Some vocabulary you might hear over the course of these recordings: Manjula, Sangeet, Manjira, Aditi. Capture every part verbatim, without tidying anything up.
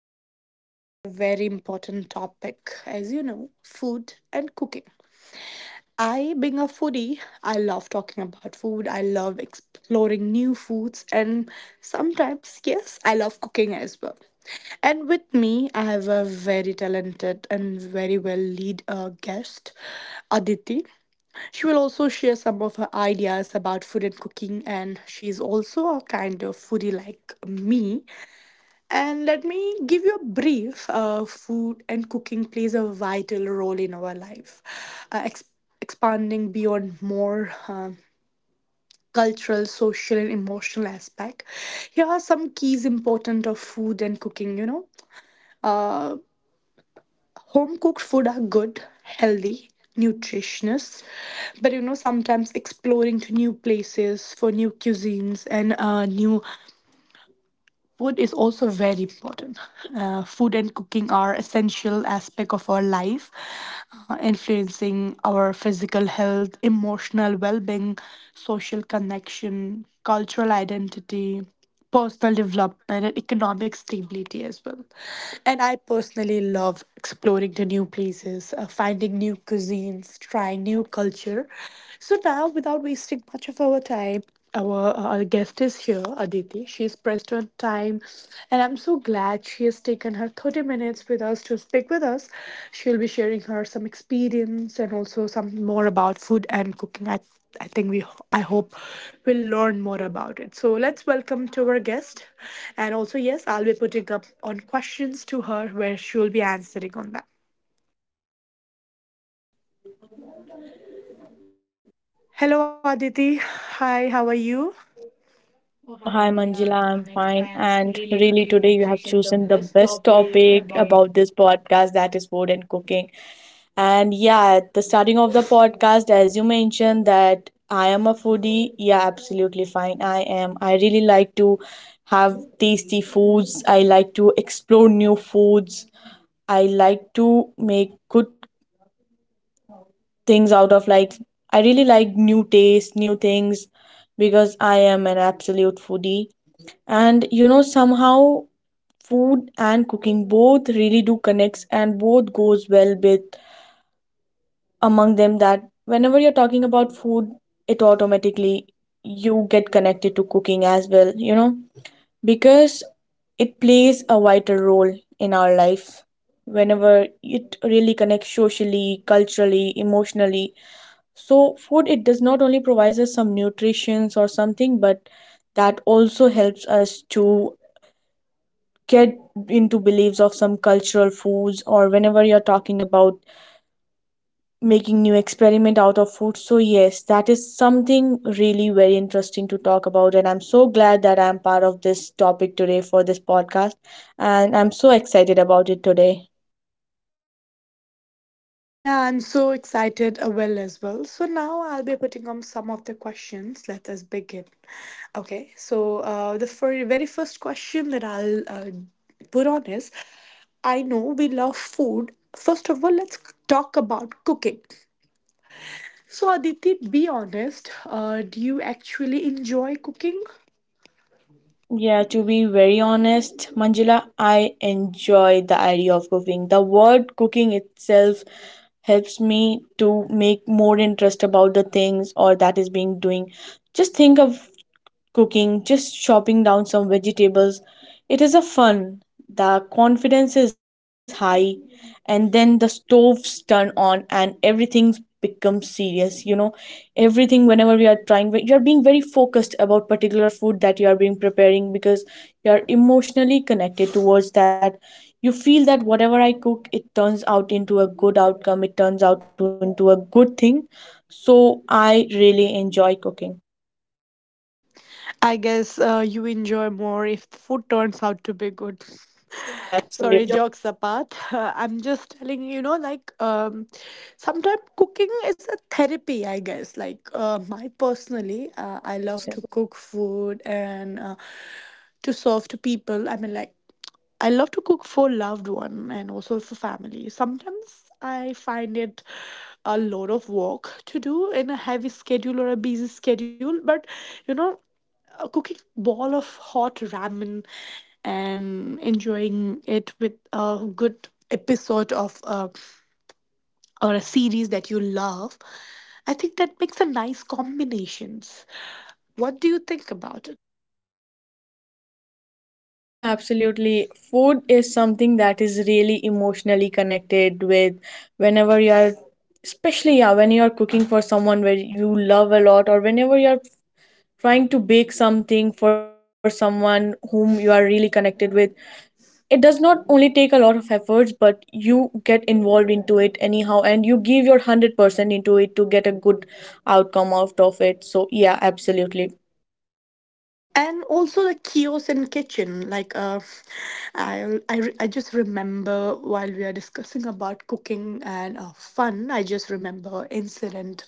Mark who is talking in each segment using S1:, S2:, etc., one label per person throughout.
S1: I'm back with a very important topic, as you know, food and cooking. I, being a foodie, I love talking about food. I love exploring new foods, and sometimes, yes, I love cooking as well. And with me, I have a very talented and very well lead uh, guest, Aditi. She will also share some of her ideas about food and cooking, and she's also a kind of foodie like me. And let me give you a brief. Uh, food and cooking plays a vital role in our life, uh, ex- expanding beyond more um, cultural, social, and emotional aspect. Here are some keys important of food and cooking. You know, uh, home cooked food are good, healthy, nutritious, but you know sometimes exploring to new places for new cuisines and uh, new food is also very important. Uh, food and cooking are essential aspect of our life, uh, influencing our physical health, emotional well-being, social connection, cultural identity, personal development, and economic stability as well. And I personally love exploring the new places, uh, finding new cuisines, trying new culture. So now, without wasting much of our time our, our guest is here, Aditi. She's pressed on time, and I'm so glad she has taken her thirty minutes with us to speak with us. She'll be sharing her some experience and also some more about food and cooking. I, I think we, I hope we'll learn more about it. So let's welcome to our guest. And also, yes, I'll be putting up on questions to her where she'll be answering on that. Hello, Aditi. Hi, how are you? Oh,
S2: Oh,
S1: hi,
S2: hi
S1: Manjira.
S2: Manjula,
S1: I'm
S2: I'm
S1: fine.
S2: fine.
S1: And
S2: And
S1: really,
S2: really,
S1: today
S2: today
S1: you
S2: you
S1: have
S2: have
S1: chosen the
S2: chosen the
S1: best
S2: best
S1: topic
S2: topic
S1: about.
S2: about this podcast, that is food and cooking. And yeah, at the starting of the podcast, as you mentioned, that I am a foodie. Yeah, absolutely fine. I am. I really like to have tasty foods, I like to explore new foods, I like to make good things out of like, I really like new tastes, new things because I am an absolute foodie. And you know, somehow food and cooking both really do connects and both goes well with among them, that whenever you're talking about food, it automatically, you get connected to cooking as well, you know, because it plays a vital role in our life, whenever it really connects socially, culturally, emotionally. So food, it does not only provides us some nutritions or something, but that also helps us to get into beliefs of some cultural foods, or whenever you're talking about making new experiment out of food. So yes, that is something really very interesting to talk about, and I'm so glad that I'm part of this topic today for this podcast, and I'm so excited about it today.
S1: Yeah, I'm so excited, uh, Will, as well. So now I'll be putting on some of the questions. Let us begin. Okay, so uh, the fir- very first question that I'll uh, put on is I know we love food. First of all, let's talk about cooking. So, Aditi, be honest. Uh, do you actually enjoy cooking?
S2: Yeah, to be very honest, Manjula, I enjoy the idea of cooking. The word cooking itself helps me to make more interest about the things or that is being doing. Just think of cooking, just chopping down some vegetables. It is a fun. The confidence is high, and then the stoves turn on, and everything becomes serious. You know, everything whenever we are trying, you are being very focused about particular food that you are being preparing because you are emotionally connected towards that. You feel that whatever I cook, it turns out into a good outcome. It turns out into a good thing. So I really enjoy cooking.
S1: I guess uh, you enjoy more if the food turns out to be good. Sorry,
S2: Absolutely.
S1: jokes apart. I'm just telling you, know, like um, sometimes cooking is a therapy. I guess, like uh, my personally, uh, I love to
S2: one hundred percent.
S1: cook food and uh, to serve to people. I mean, like I love to cook for loved one and also for family. Sometimes I find it a lot of work to do in a heavy schedule or a busy schedule, but you know uh, cooking ball of hot ramen and enjoying it with a good episode of uh, or a series that you love. I think that makes a nice combinations. What do you think about it?
S2: Yeah, absolutely. Food is something that is really emotionally connected with whenever you are, especially yeah, when you are cooking for someone where you love a lot, or whenever you are trying to bake something for someone whom you are really connected with. It does not only take a lot of efforts, but you get involved into it anyhow, and you give your one hundred percent into it to get a good outcome out of it. So, yeah, absolutely.
S1: And also the kiosk and kitchen, like, uh, I, I re- I just remember while we are discussing about cooking and uh, fun, I just remember incident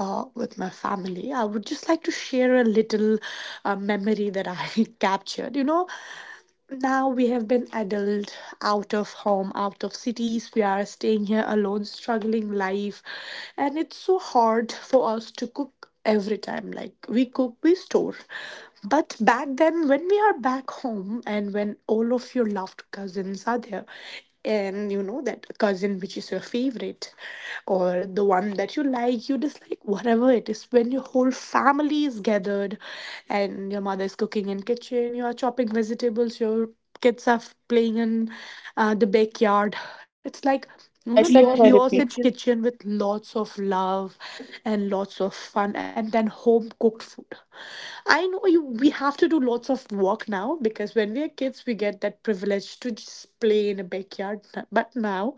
S1: uh, with my family. I would just like to share a little uh, memory that I captured, you know. Now we have been adult, out of home, out of cities. We are staying here alone, struggling life, and it's so hard for us to cook every time. Like we cook, we store. But back then, when we are back home and when all of your loved cousins are there, and you know that cousin which is your favorite or the one that you like, you dislike, whatever it is, when your whole family is gathered and your mother is cooking in kitchen, you are chopping vegetables, your kids are f- playing in uh, the backyard. It's like, you know, the, yeah,
S2: Yeah,
S1: I think
S2: it's like
S1: so, kiosk
S2: therapy.
S1: kitchen with lots of love and lots of fun, and then home cooked food. I know you, we have to do lots of work now, because when we are kids we get that privilege to just play in a backyard. But now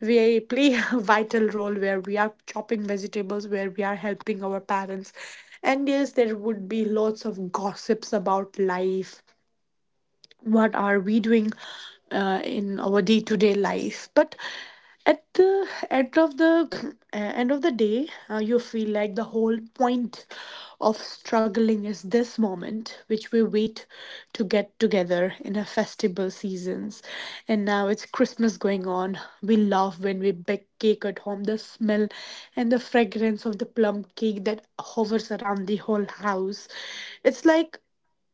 S1: we play a vital role, where we are chopping vegetables, where we are helping our parents. And yes, there would be lots of gossips about life, what are we doing uh, in our day-to-day life. But at the end of the uh, end of the day, uh, you feel like the whole point of struggling is this moment which we wait to get together in a festival seasons. And now it's Christmas going on. We love when we bake cake at home, the smell and the fragrance of the plum cake that hovers around the whole house. It's like,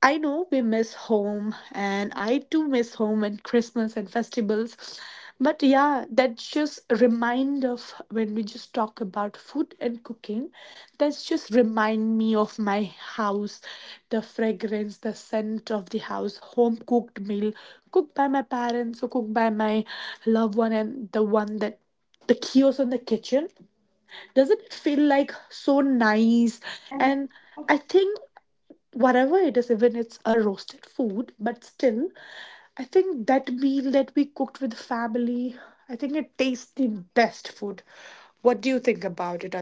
S1: I know we miss home, and I too miss home and Christmas and festivals. But yeah, that's just a remind of when we just talk about food and cooking. That's just remind me of my house, the fragrance, the scent of the house, home cooked meal, cooked by my parents or cooked by my loved one, and the one that, the chaos in the kitchen. Doesn't it feel like so nice? And I think whatever it is, even it's a roasted food, but still, I think that meal that we cooked with family, I think it tastes the best food. What do you think about it?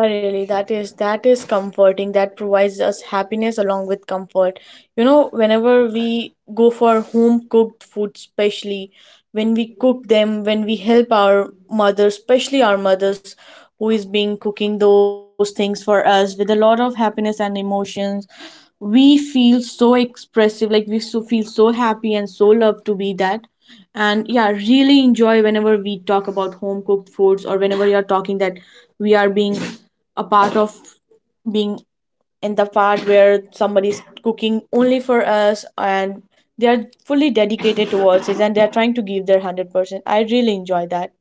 S2: Yeah, really, that is that is comforting. That provides us happiness along with comfort. You know, whenever we go for home cooked food, especially when we cook them, when we help our mothers, especially our mothers who is being cooking those things for us with a lot of happiness and emotions, we feel so expressive. Like we so feel so happy and so loved to be that. And yeah, really enjoy whenever we talk about home cooked foods, or whenever you're talking that we are being a part of being in the part where somebody's cooking only for us, and they are fully dedicated towards it, and they are trying to give their one hundred percent. I really enjoy that.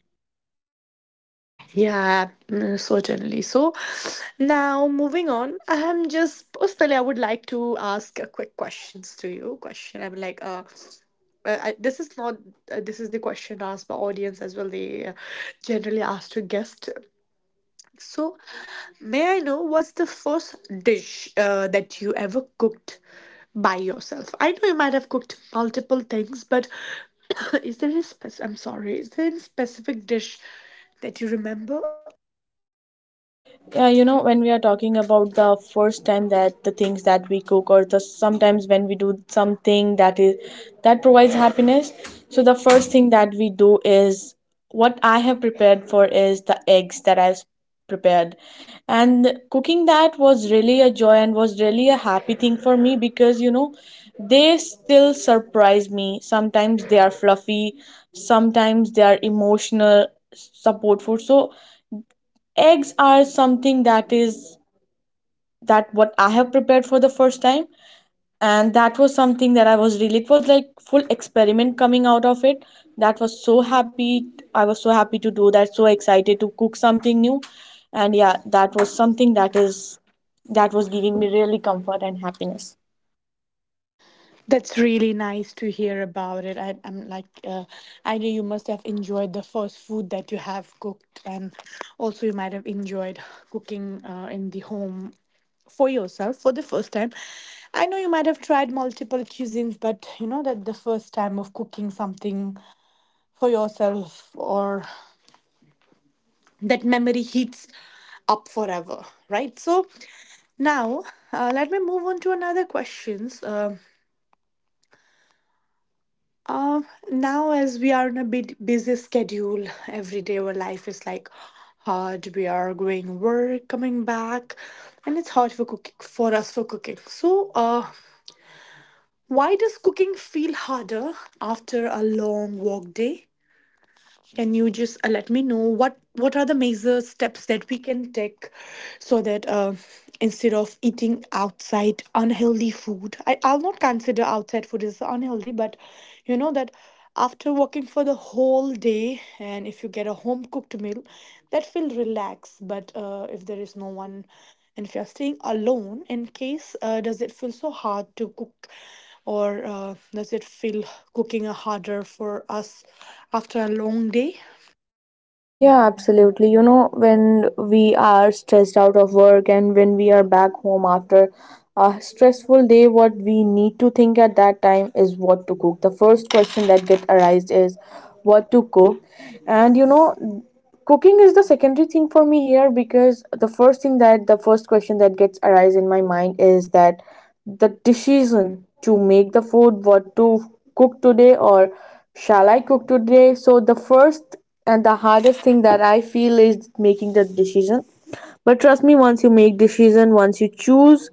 S1: Yeah, mm, certainly. So now moving on, I'm just personally, I would like to ask a quick questions to you. Question, I'm like, uh, uh, I, this is not, uh, this is the question asked by audience as well. They uh, generally ask to guest. So, may I know what's the first dish uh, that you ever cooked by yourself? I know you might have cooked multiple things, but is there any spec- I'm sorry, is there any specific dish that you remember?
S2: Yeah, you know, when we are talking about the first time, that the things that we cook, or the sometimes when we do something that is that provides happiness, so the first thing that we do is what I have prepared for is the eggs that I've prepared. And cooking that was really a joy and was really a happy thing for me, because you know, they still surprise me. Sometimes they are fluffy, sometimes they are emotional support food. So eggs are something that is, that what I have prepared for the first time, and that was something that I was really, it was like full experiment coming out of it. That was so happy. I was so happy to do that, so excited to cook something new. And yeah, that was something that is, that was giving me really comfort and happiness.
S1: That's really nice to hear about it. I, I'm like, uh, I know you must have enjoyed the first food that you have cooked, and also you might have enjoyed cooking uh, in the home for yourself for the first time. I know you might have tried multiple cuisines, but you know that the first time of cooking something for yourself or that memory heats up forever, right? So now uh, let me move on to another questions. Um Um, Now, as we are on a bit busy schedule, every day our life is like hard. We are going work, coming back, and it's hard for cooking for us for cooking. So, uh, why does cooking feel harder after a long work day? Can you just uh, let me know what what are the major steps that we can take so that uh, instead of eating outside unhealthy food, I, I'll not consider outside food as unhealthy, but you know that after working for the whole day and if you get a home cooked meal, that feel relaxed. But uh, if there is no one and if you're staying alone, in case uh, does it feel so hard to cook? Or uh, does it feel cooking harder for us after a long day?
S2: Yeah, absolutely. You know, when we are stressed out of work, and when we are back home after a stressful day, what we need to think at that time is what to cook. The first question that get arised is what to cook. And you know, cooking is the secondary thing for me here, because the first thing, that the first question that gets arise in my mind is that the decision to make the food, what to cook today, or shall I cook today. So the first and the hardest thing that I feel is making the decision. But trust me, once you make decision, once you choose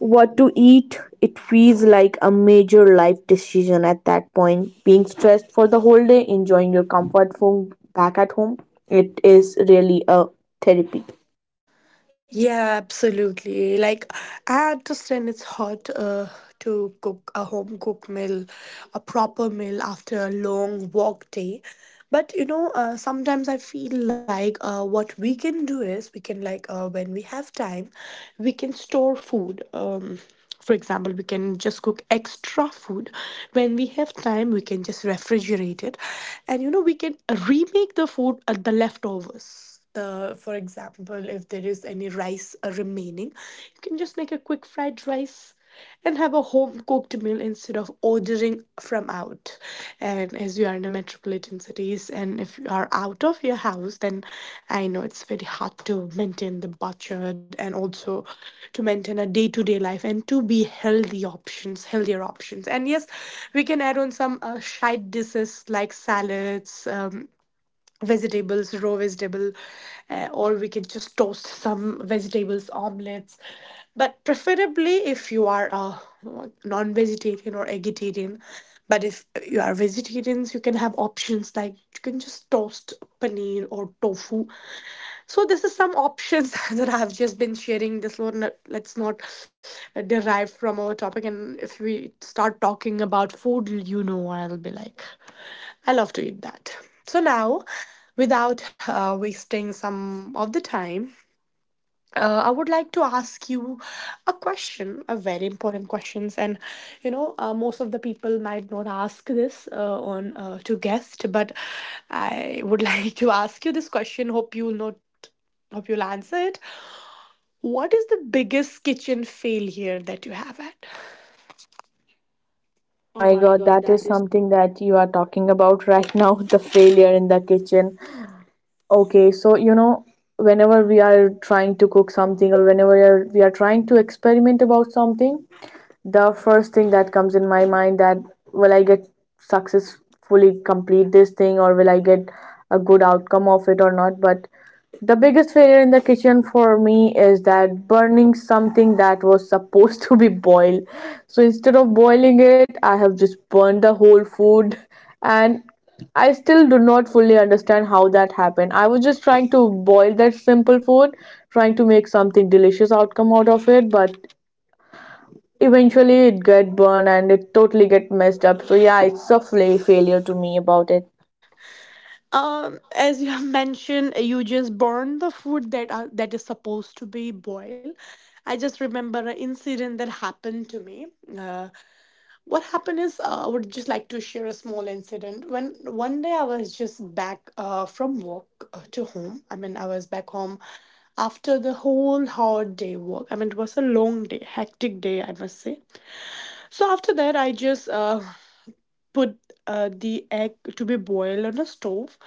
S2: what to eat, it feels like a major life decision. At that point, being stressed for the whole day, enjoying your comfort food back at home, it is really a therapy.
S1: Yeah, absolutely. Like, I understand it's hard uh, to cook a home cooked meal, a proper meal after a long work day. But you know, uh, sometimes I feel like uh, what we can do is we can, like, uh, when we have time, we can store food. Um, For example, we can just cook extra food. When we have time, we can just refrigerate it. And you know, we can remake the food at the leftovers. The, for example, if there is any rice uh, remaining, you can just make a quick fried rice and have a home cooked meal instead of ordering from out. And as you are in the metropolitan cities, and if you are out of your house, then I know it's very hard to maintain the budget and also to maintain a day to day life and to be healthy options, healthier options. And yes, we can add on some uh, side dishes like salads. Um, vegetables, raw vegetable, uh, or we can just toast some vegetables, omelets. But preferably, if you are a non-vegetarian or vegetarian, but if you are vegetarians, you can have options like you can just toast paneer or tofu. So this is some options that I've just been sharing. This one, uh, let's not uh, derive from our topic. And if we start talking about food, you know, I'll be like. I love to eat that. So now, without uh, wasting some of the time, uh, I would like to ask you a question, a very important questions, and you know, uh, most of the people might not ask this uh, on uh, to guest, but I would like to ask you this question. Hope you'll not, hope you'll answer it. What is the biggest kitchen failure that you have had?
S2: Oh
S1: Oh
S2: my
S1: my
S2: god,
S1: God,
S2: that is
S1: that is.
S2: something that you are talking about right now, the failure in the kitchen. Okay, so you know, whenever we are trying to cook something, or whenever we are, we are trying to experiment about something, the first thing that comes in my mind that will I get successfully complete this thing, or will I get a good outcome of it or not. But the biggest failure in the kitchen for me is that burning something that was supposed to be boiled. So instead of boiling it, I have just burned the whole food. And I still do not fully understand how that happened. I was just trying to boil that simple food, trying to make something delicious outcome out of it, but eventually it get burned and it totally get messed up. So yeah, it's a fla- failure to me about it.
S1: Um, as you have mentioned, you just burn the food that are, that is supposed to be boiled. I just remember an incident that happened to me. Uh, what happened is, uh, I would just like to share a small incident. When one day I was just back uh, from work uh, to home. I mean, I was back home after the whole hard day work. I mean, it was a long day, hectic day, I must say. So after that, I just uh, put uh, the egg to be boiled on the stove,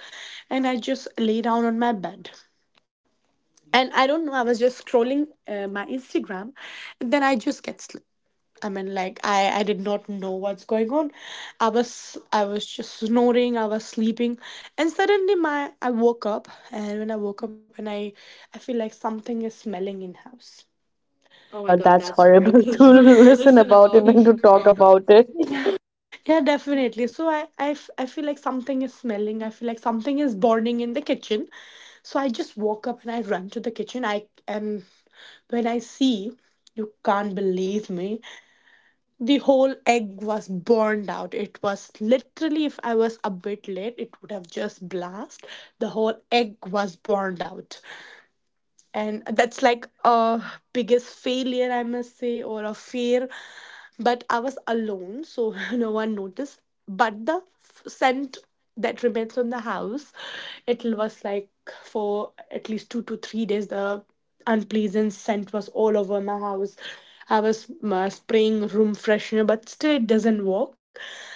S1: and I just lay down on my bed. And I don't know, I was just scrolling uh, my Instagram, and then I just get sleep. I mean, like, I I did not know what's going on. I was I was just snoring, I was sleeping, and suddenly my I woke up, and when I woke up, and I I feel like something is smelling in house.
S2: Oh my
S1: Oh my
S2: god,
S1: god,
S2: that's
S1: that's
S2: horrible
S1: horrible
S2: to
S1: to
S2: listen
S1: listen
S2: about
S1: about
S2: it
S1: and
S2: and to
S1: to
S2: talk
S1: talk.
S2: about it.
S1: Yeah, definitely. So I, I, f- I feel like something is smelling. I feel like something is burning in the kitchen. So I just walk up and I run to the kitchen. I and when I see, you can't believe me. The whole egg was burned out. It was literally, if I was a bit late, it would have just blast. The whole egg was burned out, and that's like a biggest failure I must say, or a fear. But I was alone, so no one noticed. But the f- scent that remains on the house, it was like for at least two to three days the unpleasant scent was all over my house. I was uh, spraying room freshener, but still it doesn't work,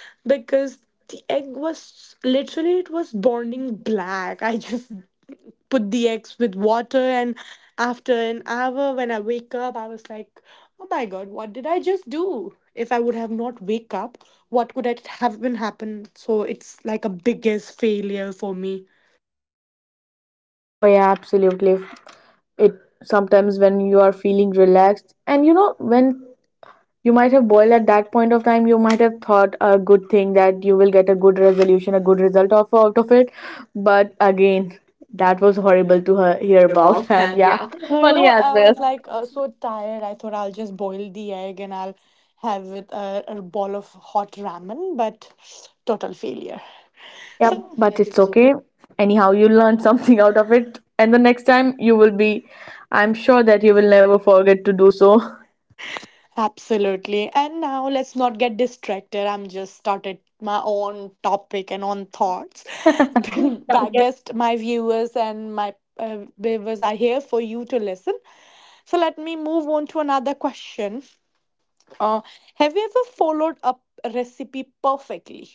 S1: because the egg was literally, it was burning black. I just put the eggs with water, and after an hour, when I wake up, I was like, oh my God, what did I just do? If I would have not wake up, what could it have been happen? So it's like a biggest failure for me.
S2: Oh yeah, absolutely. It sometimes when you are feeling relaxed, and you know, when you might have boiled at that point of time, you might have thought a good thing, that you will get a good resolution, a good result of out of it. But again, that was horrible to her, hear
S1: Hear
S2: about,
S1: about
S2: and
S1: and
S2: yeah,
S1: yeah. So you. But
S2: funny
S1: know,
S2: as
S1: yeah. I
S2: well.
S1: was like uh, so tired. I thought I'll just boil the egg and I'll have it, uh, a bowl of hot ramen, but total failure. So,
S2: Yeah,
S1: yeah,
S2: but
S1: but
S2: it's
S1: it's okay.
S2: okay. Anyhow, you learned something out of it. And the next time you will be, I'm sure that you will never forget to do so.
S1: Absolutely. And now let's not get distracted. I'm just started my own topic and own thoughts. Then I guess my viewers and my uh, viewers are here for you to listen. So let me move on to another question. Uh, have you ever followed a recipe perfectly?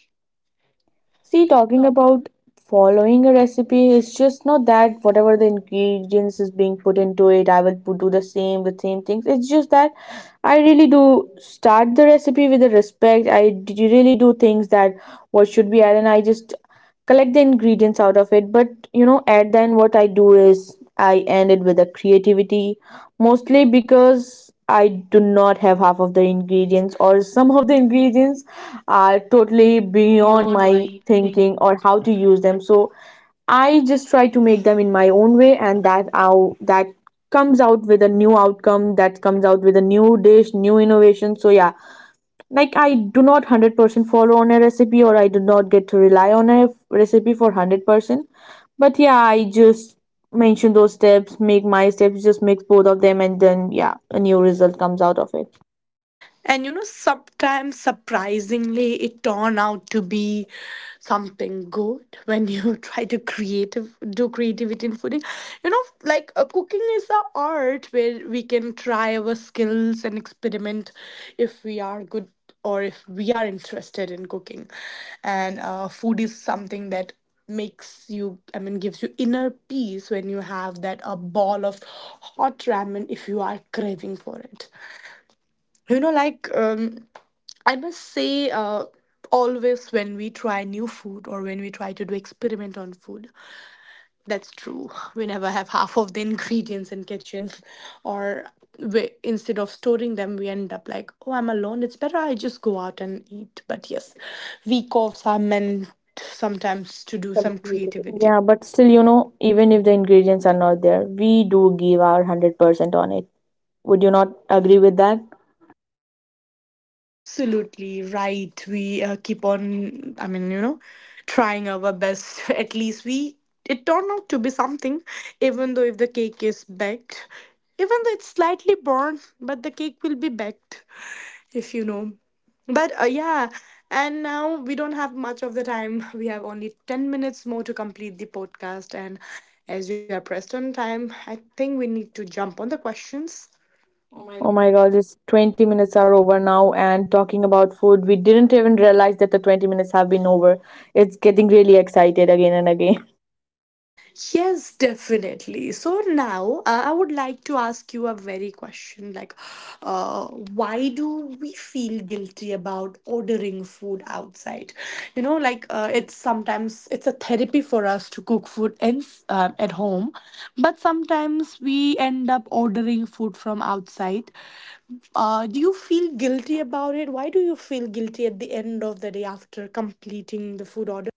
S2: See, talking about following a recipe is just not that whatever the ingredients is being put into it, I will put, do the same, the same things. It's just that I really do start the recipe with the respect. I d- really do things that what should be added, and I just collect the ingredients out of it. But you know, at then what I do is I end it with the creativity, mostly because I do not have half of the ingredients, or some of the ingredients are totally beyond
S1: Beyond
S2: my
S1: my thing.
S2: thinking or how to use them. So I just try to make them in my own way, and that out that comes out with a new outcome, that comes out with a new dish, new innovation. So yeah, like I do not one hundred percent follow on a recipe, or I do not get to rely on a f- recipe for one hundred percent. But yeah, I just mention those steps, make my steps, just mix both of them, and then yeah, a new result comes out of it.
S1: And you know, sometimes surprisingly, it turned out to be something good when you try to creative do creativity in fooding. You know, like, uh, cooking is a art where we can try our skills and experiment if we are good, or if we are interested in cooking. And uh, food is something that makes you, I mean, gives you inner peace when you have that a ball of hot ramen if you are craving for it, you know, like um I must say, uh, always when we try new food or when we try to do experiment on food, that's true. We never have half of the ingredients in kitchens, or we, instead of storing them, we end up like, oh, I'm alone. It's better I just go out and eat. But yes, week offs are meant sometimes to do some creativity.
S2: Yeah, but still, you know, even if the ingredients are not there, we do give our one hundred percent on it. Would you not agree with that?
S1: Absolutely right. We uh, keep on, I mean, you know, trying our best. At least we, it turned out to be something, even though if the cake is baked, even though it's slightly burnt, but the cake will be baked, if you know. But uh, yeah, and now we don't have much of the time. We have only ten minutes more to complete the podcast. And as we are pressed on time, I think we need to jump on the questions.
S2: Oh my god, it's twenty minutes are over now, and talking about food, we didn't even realize that the twenty minutes have been over. It's getting really excited again and again.
S1: Yes, definitely. So now uh, I would like to ask you a very question like, uh, why do we feel guilty about ordering food outside? You know, like, uh, it's sometimes it's a therapy for us to cook food in, um at home, but sometimes we end up ordering food from outside. Uh, do you feel guilty about it? Why do you feel guilty at the end of the day after completing the food order?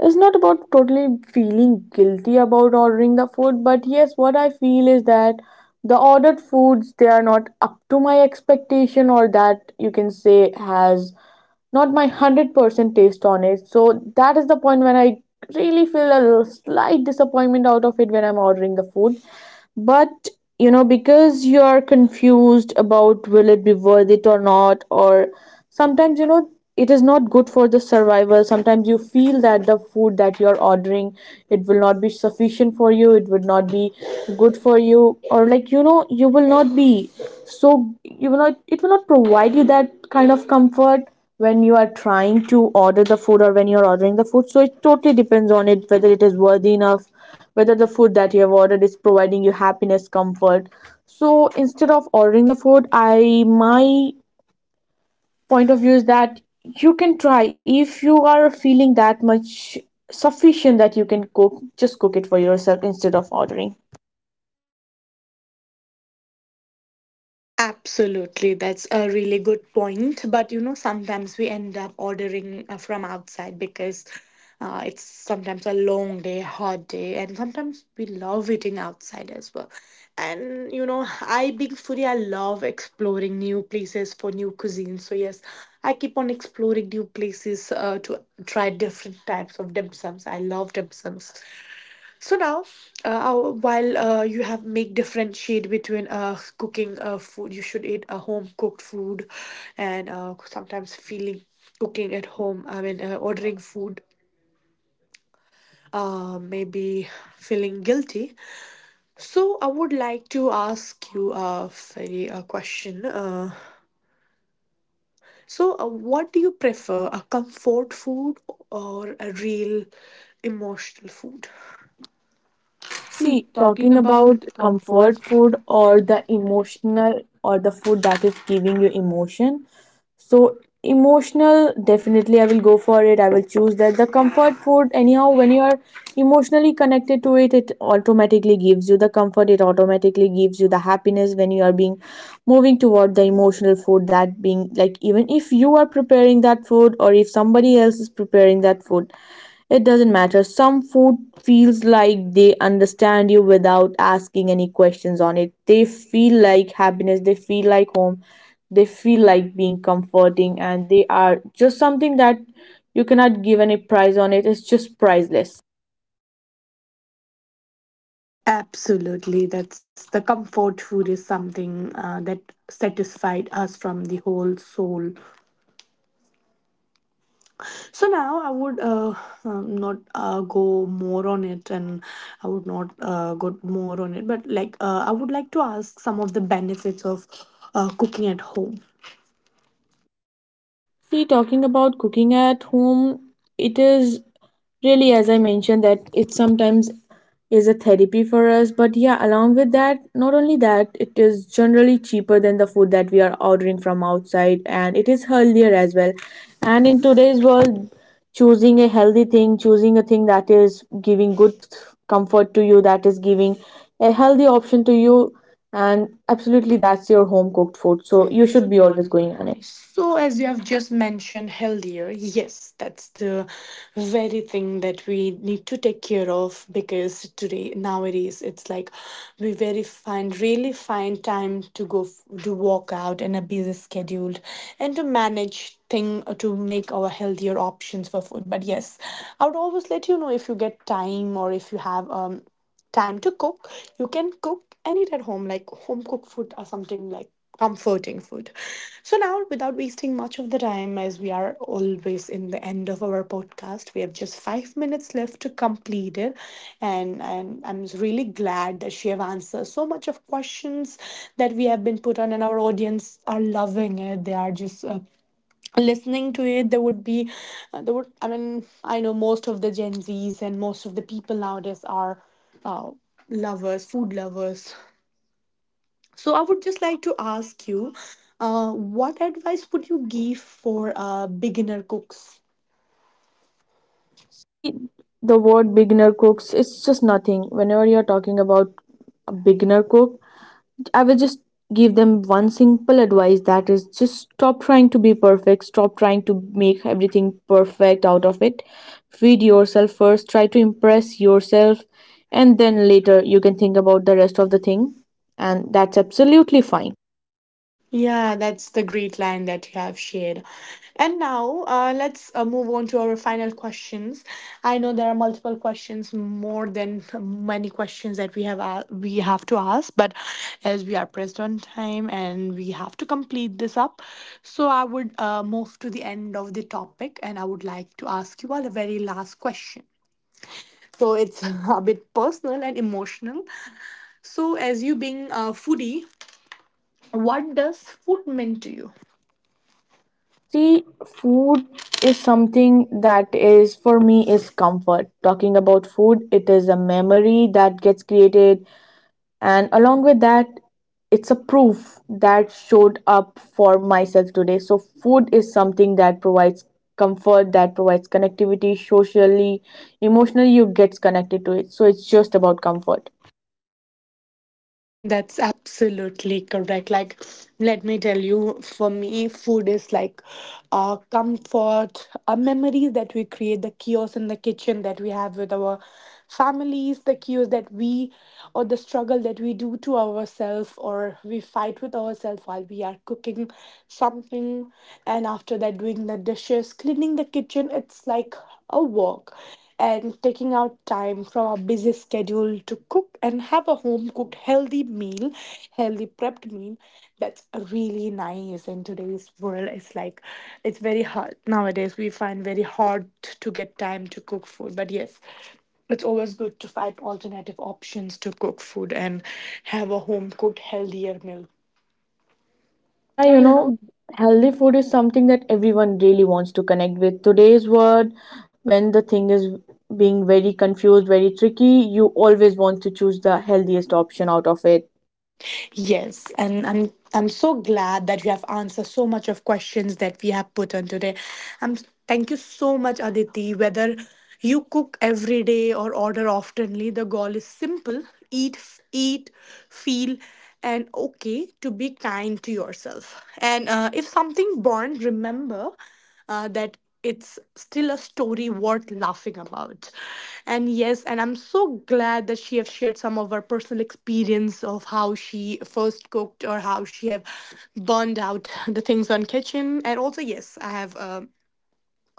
S2: It's not about totally feeling guilty about ordering the food, but yes, what I feel is that the ordered foods, they are not up to my expectation, or that you can say has not my one hundred percent taste on it. So that is the point when I really feel a little slight disappointment out of it when I'm ordering the food. But you know, because you are confused about will it be worth it or not, or sometimes you know it is not good for the survival. Sometimes you feel that the food that you're ordering, it will not be sufficient for you, it would not be good for you, or like you know, you will not be, so you will not, it will not provide you that kind of comfort when you are trying to order the food, or when you're ordering the food. So it totally depends on it, whether it is worthy enough, whether the food that you have ordered is providing you happiness, comfort. So instead of ordering the food, I, my point of view is that you can try, if you are feeling that much sufficient that you can cook, just cook it for yourself instead of ordering.
S1: Absolutely, that's a really good point. But you know, sometimes we end up ordering uh, from outside because uh, it's sometimes a long day, hot day, and sometimes we love eating outside as well. And you know, I being foodie, I love exploring new places for new cuisine. So yes, I keep on exploring new places uh, to try different types of dim sums. I love dim sums. So now, uh, our- while uh, you have make differentiate between uh, cooking uh, food, you should eat a home cooked food, and uh, sometimes feeling cooking at home. I mean, uh, ordering food, uh, maybe feeling guilty. So I would like to ask you a very a question. Uh, so, uh, what do you prefer, a comfort food or a real emotional food?
S2: See,
S1: See, talking
S2: talking about
S1: about comfort
S2: comfort food
S1: food
S2: or
S1: or
S2: the
S1: the emotional.
S2: emotional, or the food that is giving you emotion. So, emotional, definitely I will go for it. I will choose that. The comfort food, anyhow, when you are emotionally connected to it, it automatically gives you the comfort. It automatically gives you the happiness when you are being moving toward the emotional food. That being like, even if you are preparing that food, or if somebody else is preparing that food, it doesn't matter. Some food feels like they understand you without asking any questions on it. They feel like happiness, they feel like home, they feel like being comforting, and they are just something that you cannot give any price on it. It's just priceless.
S1: Absolutely. That's the comfort food is something uh, that satisfied us from the whole soul. So now I would, uh, um, not uh, go more on it, and I would not uh, go more on it, but like, uh, I would like to ask some of the benefits of uh, cooking at home.
S2: See, talking about cooking at home, it is really, as I mentioned, that it sometimes is a therapy for us. But yeah, along with that, not only that, it is generally cheaper than the food that we are ordering from outside, and it is healthier as well. And in today's world, choosing a healthy thing, choosing a thing that is giving good comfort to you, that is giving a healthy option to you, and absolutely that's your home cooked food.
S1: Sports.
S2: So
S1: So
S2: you
S1: you
S2: should
S1: should
S2: be
S1: be
S2: always
S1: always
S2: going
S1: going
S2: on
S1: on
S2: it.
S1: it. So, as you have just mentioned, healthier, yes, that's the very thing that we need to take care of, because today, nowadays, it's like we very find really find time to go f- to walk out and a busy schedule and to manage thing uh, to make our healthier options for food. But yes, I would always let you know, if you get time, or if you have um time to cook, you can cook and eat at home like home cooked food or something like comforting food. So now, without wasting much of the time, as we are always in the end of our podcast, we have just five minutes left to complete it. And and I'm really glad that she have answered so much of questions that we have been put on, and our audience are loving it. They are just uh, listening to it. There would be uh, there would I mean, I know most of the gen z's and most of the people nowadays are uh, lovers, food lovers. So I would just like to ask you, uh, what advice would you give for uh, beginner cooks?
S2: See, the word beginner cooks, it's just nothing. Whenever you're talking about a beginner cook, I will just give them one simple advice, that is just stop trying to be perfect, stop trying to make everything perfect out of it. Feed yourself first, try to impress yourself, and then later you can think about the rest of the thing, and that's absolutely fine.
S1: Yeah, that's the great line that you have shared. And now, uh, let's uh, move on to our final questions. I know there are multiple questions, more than many questions that we have uh, we have to ask, but as we are pressed on time and we have to complete this up, so I would uh, move to the end of the topic, and I would like to ask you all a very last question. So it's a bit personal and emotional. So, as you being a foodie, what does food mean to you?
S2: See, food is something that is for me is comfort. Talking about food, it is a memory that gets created, and along with that, it's a proof that showed up for myself today. So, food is something that provides comfort, that provides connectivity socially, emotionally, you get connected to it. So, it's just about comfort.
S1: That's absolutely correct. Like, let me tell you, for me, food is like uh, comfort, uh, memories that we create, the chaos in the kitchen that we have with our families, the chaos that we, or the struggle that we do to ourselves, or we fight with ourselves while we are cooking something. And after that, doing the dishes, cleaning the kitchen, it's like a work, and taking out time from our busy schedule to cook and have a home cooked healthy meal, healthy prepped meal. That's really nice in today's world. It's like it's very hard nowadays. We find very hard to get time to cook food, but yes. It's always good to find alternative options to cook food and have a home cooked healthier meal.
S2: Yeah,
S1: Yeah,
S2: you
S1: you know.
S2: know, healthy food is something that everyone really wants to connect with. Today's world, when the thing is being very confused, very tricky, you always want to choose the healthiest option out of it.
S1: Yes, and I'm I'm so glad that you have answered so much of questions that we have put on today. Um, Thank you so much, Aditi. Whether you cook every day or order oftenly, the goal is simple: eat, f- eat, feel, and okay to be kind to yourself. And uh, if something burned, remember uh, that it's still a story worth laughing about. And yes, and I'm so glad that she have shared some of her personal experience of how she first cooked or how she have burned out the things on kitchen, and also yes, I have, um,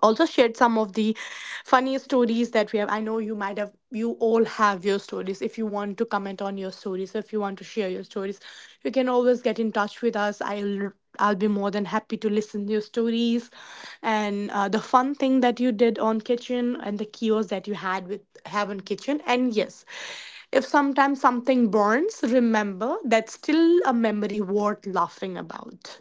S1: also shared some of the funny stories that we have. I know you might have, you all have your stories. If you want to comment on your stories, if you want to share your stories, you can always get in touch with us. I'll I'll be more than happy to listen to your stories, and uh, the fun thing that you did on kitchen, and the kiosk that you had with have on kitchen. And yes, if sometimes something burns, remember that's still a memory worth laughing about.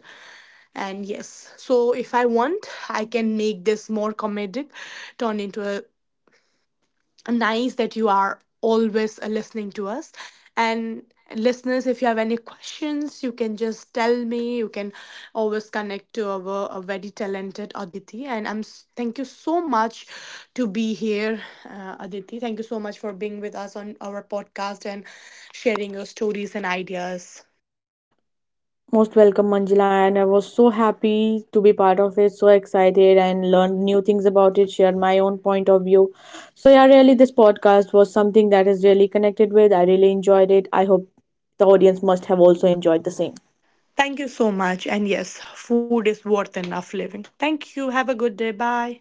S1: And yes, so if I want, I can make this more comedic, turn into a, a nice that you are always uh, listening to us. And listeners, if you have any questions, you can just tell me. You can always connect to our, a very talented Aditi. And I'm s- thank you so much to be here, uh, Aditi. Thank you so much for being with us on our podcast and sharing your stories and ideas.
S2: Most welcome, Manjula, and I was so happy to be part of it, so excited and learned new things about it, shared my own point of view. So, yeah, really, this podcast was something that is really connected with. I really enjoyed it. I hope the audience must have also enjoyed the same.
S1: Thank you so much. And yes, food is worth enough living. Thank you. Have a good day. Bye.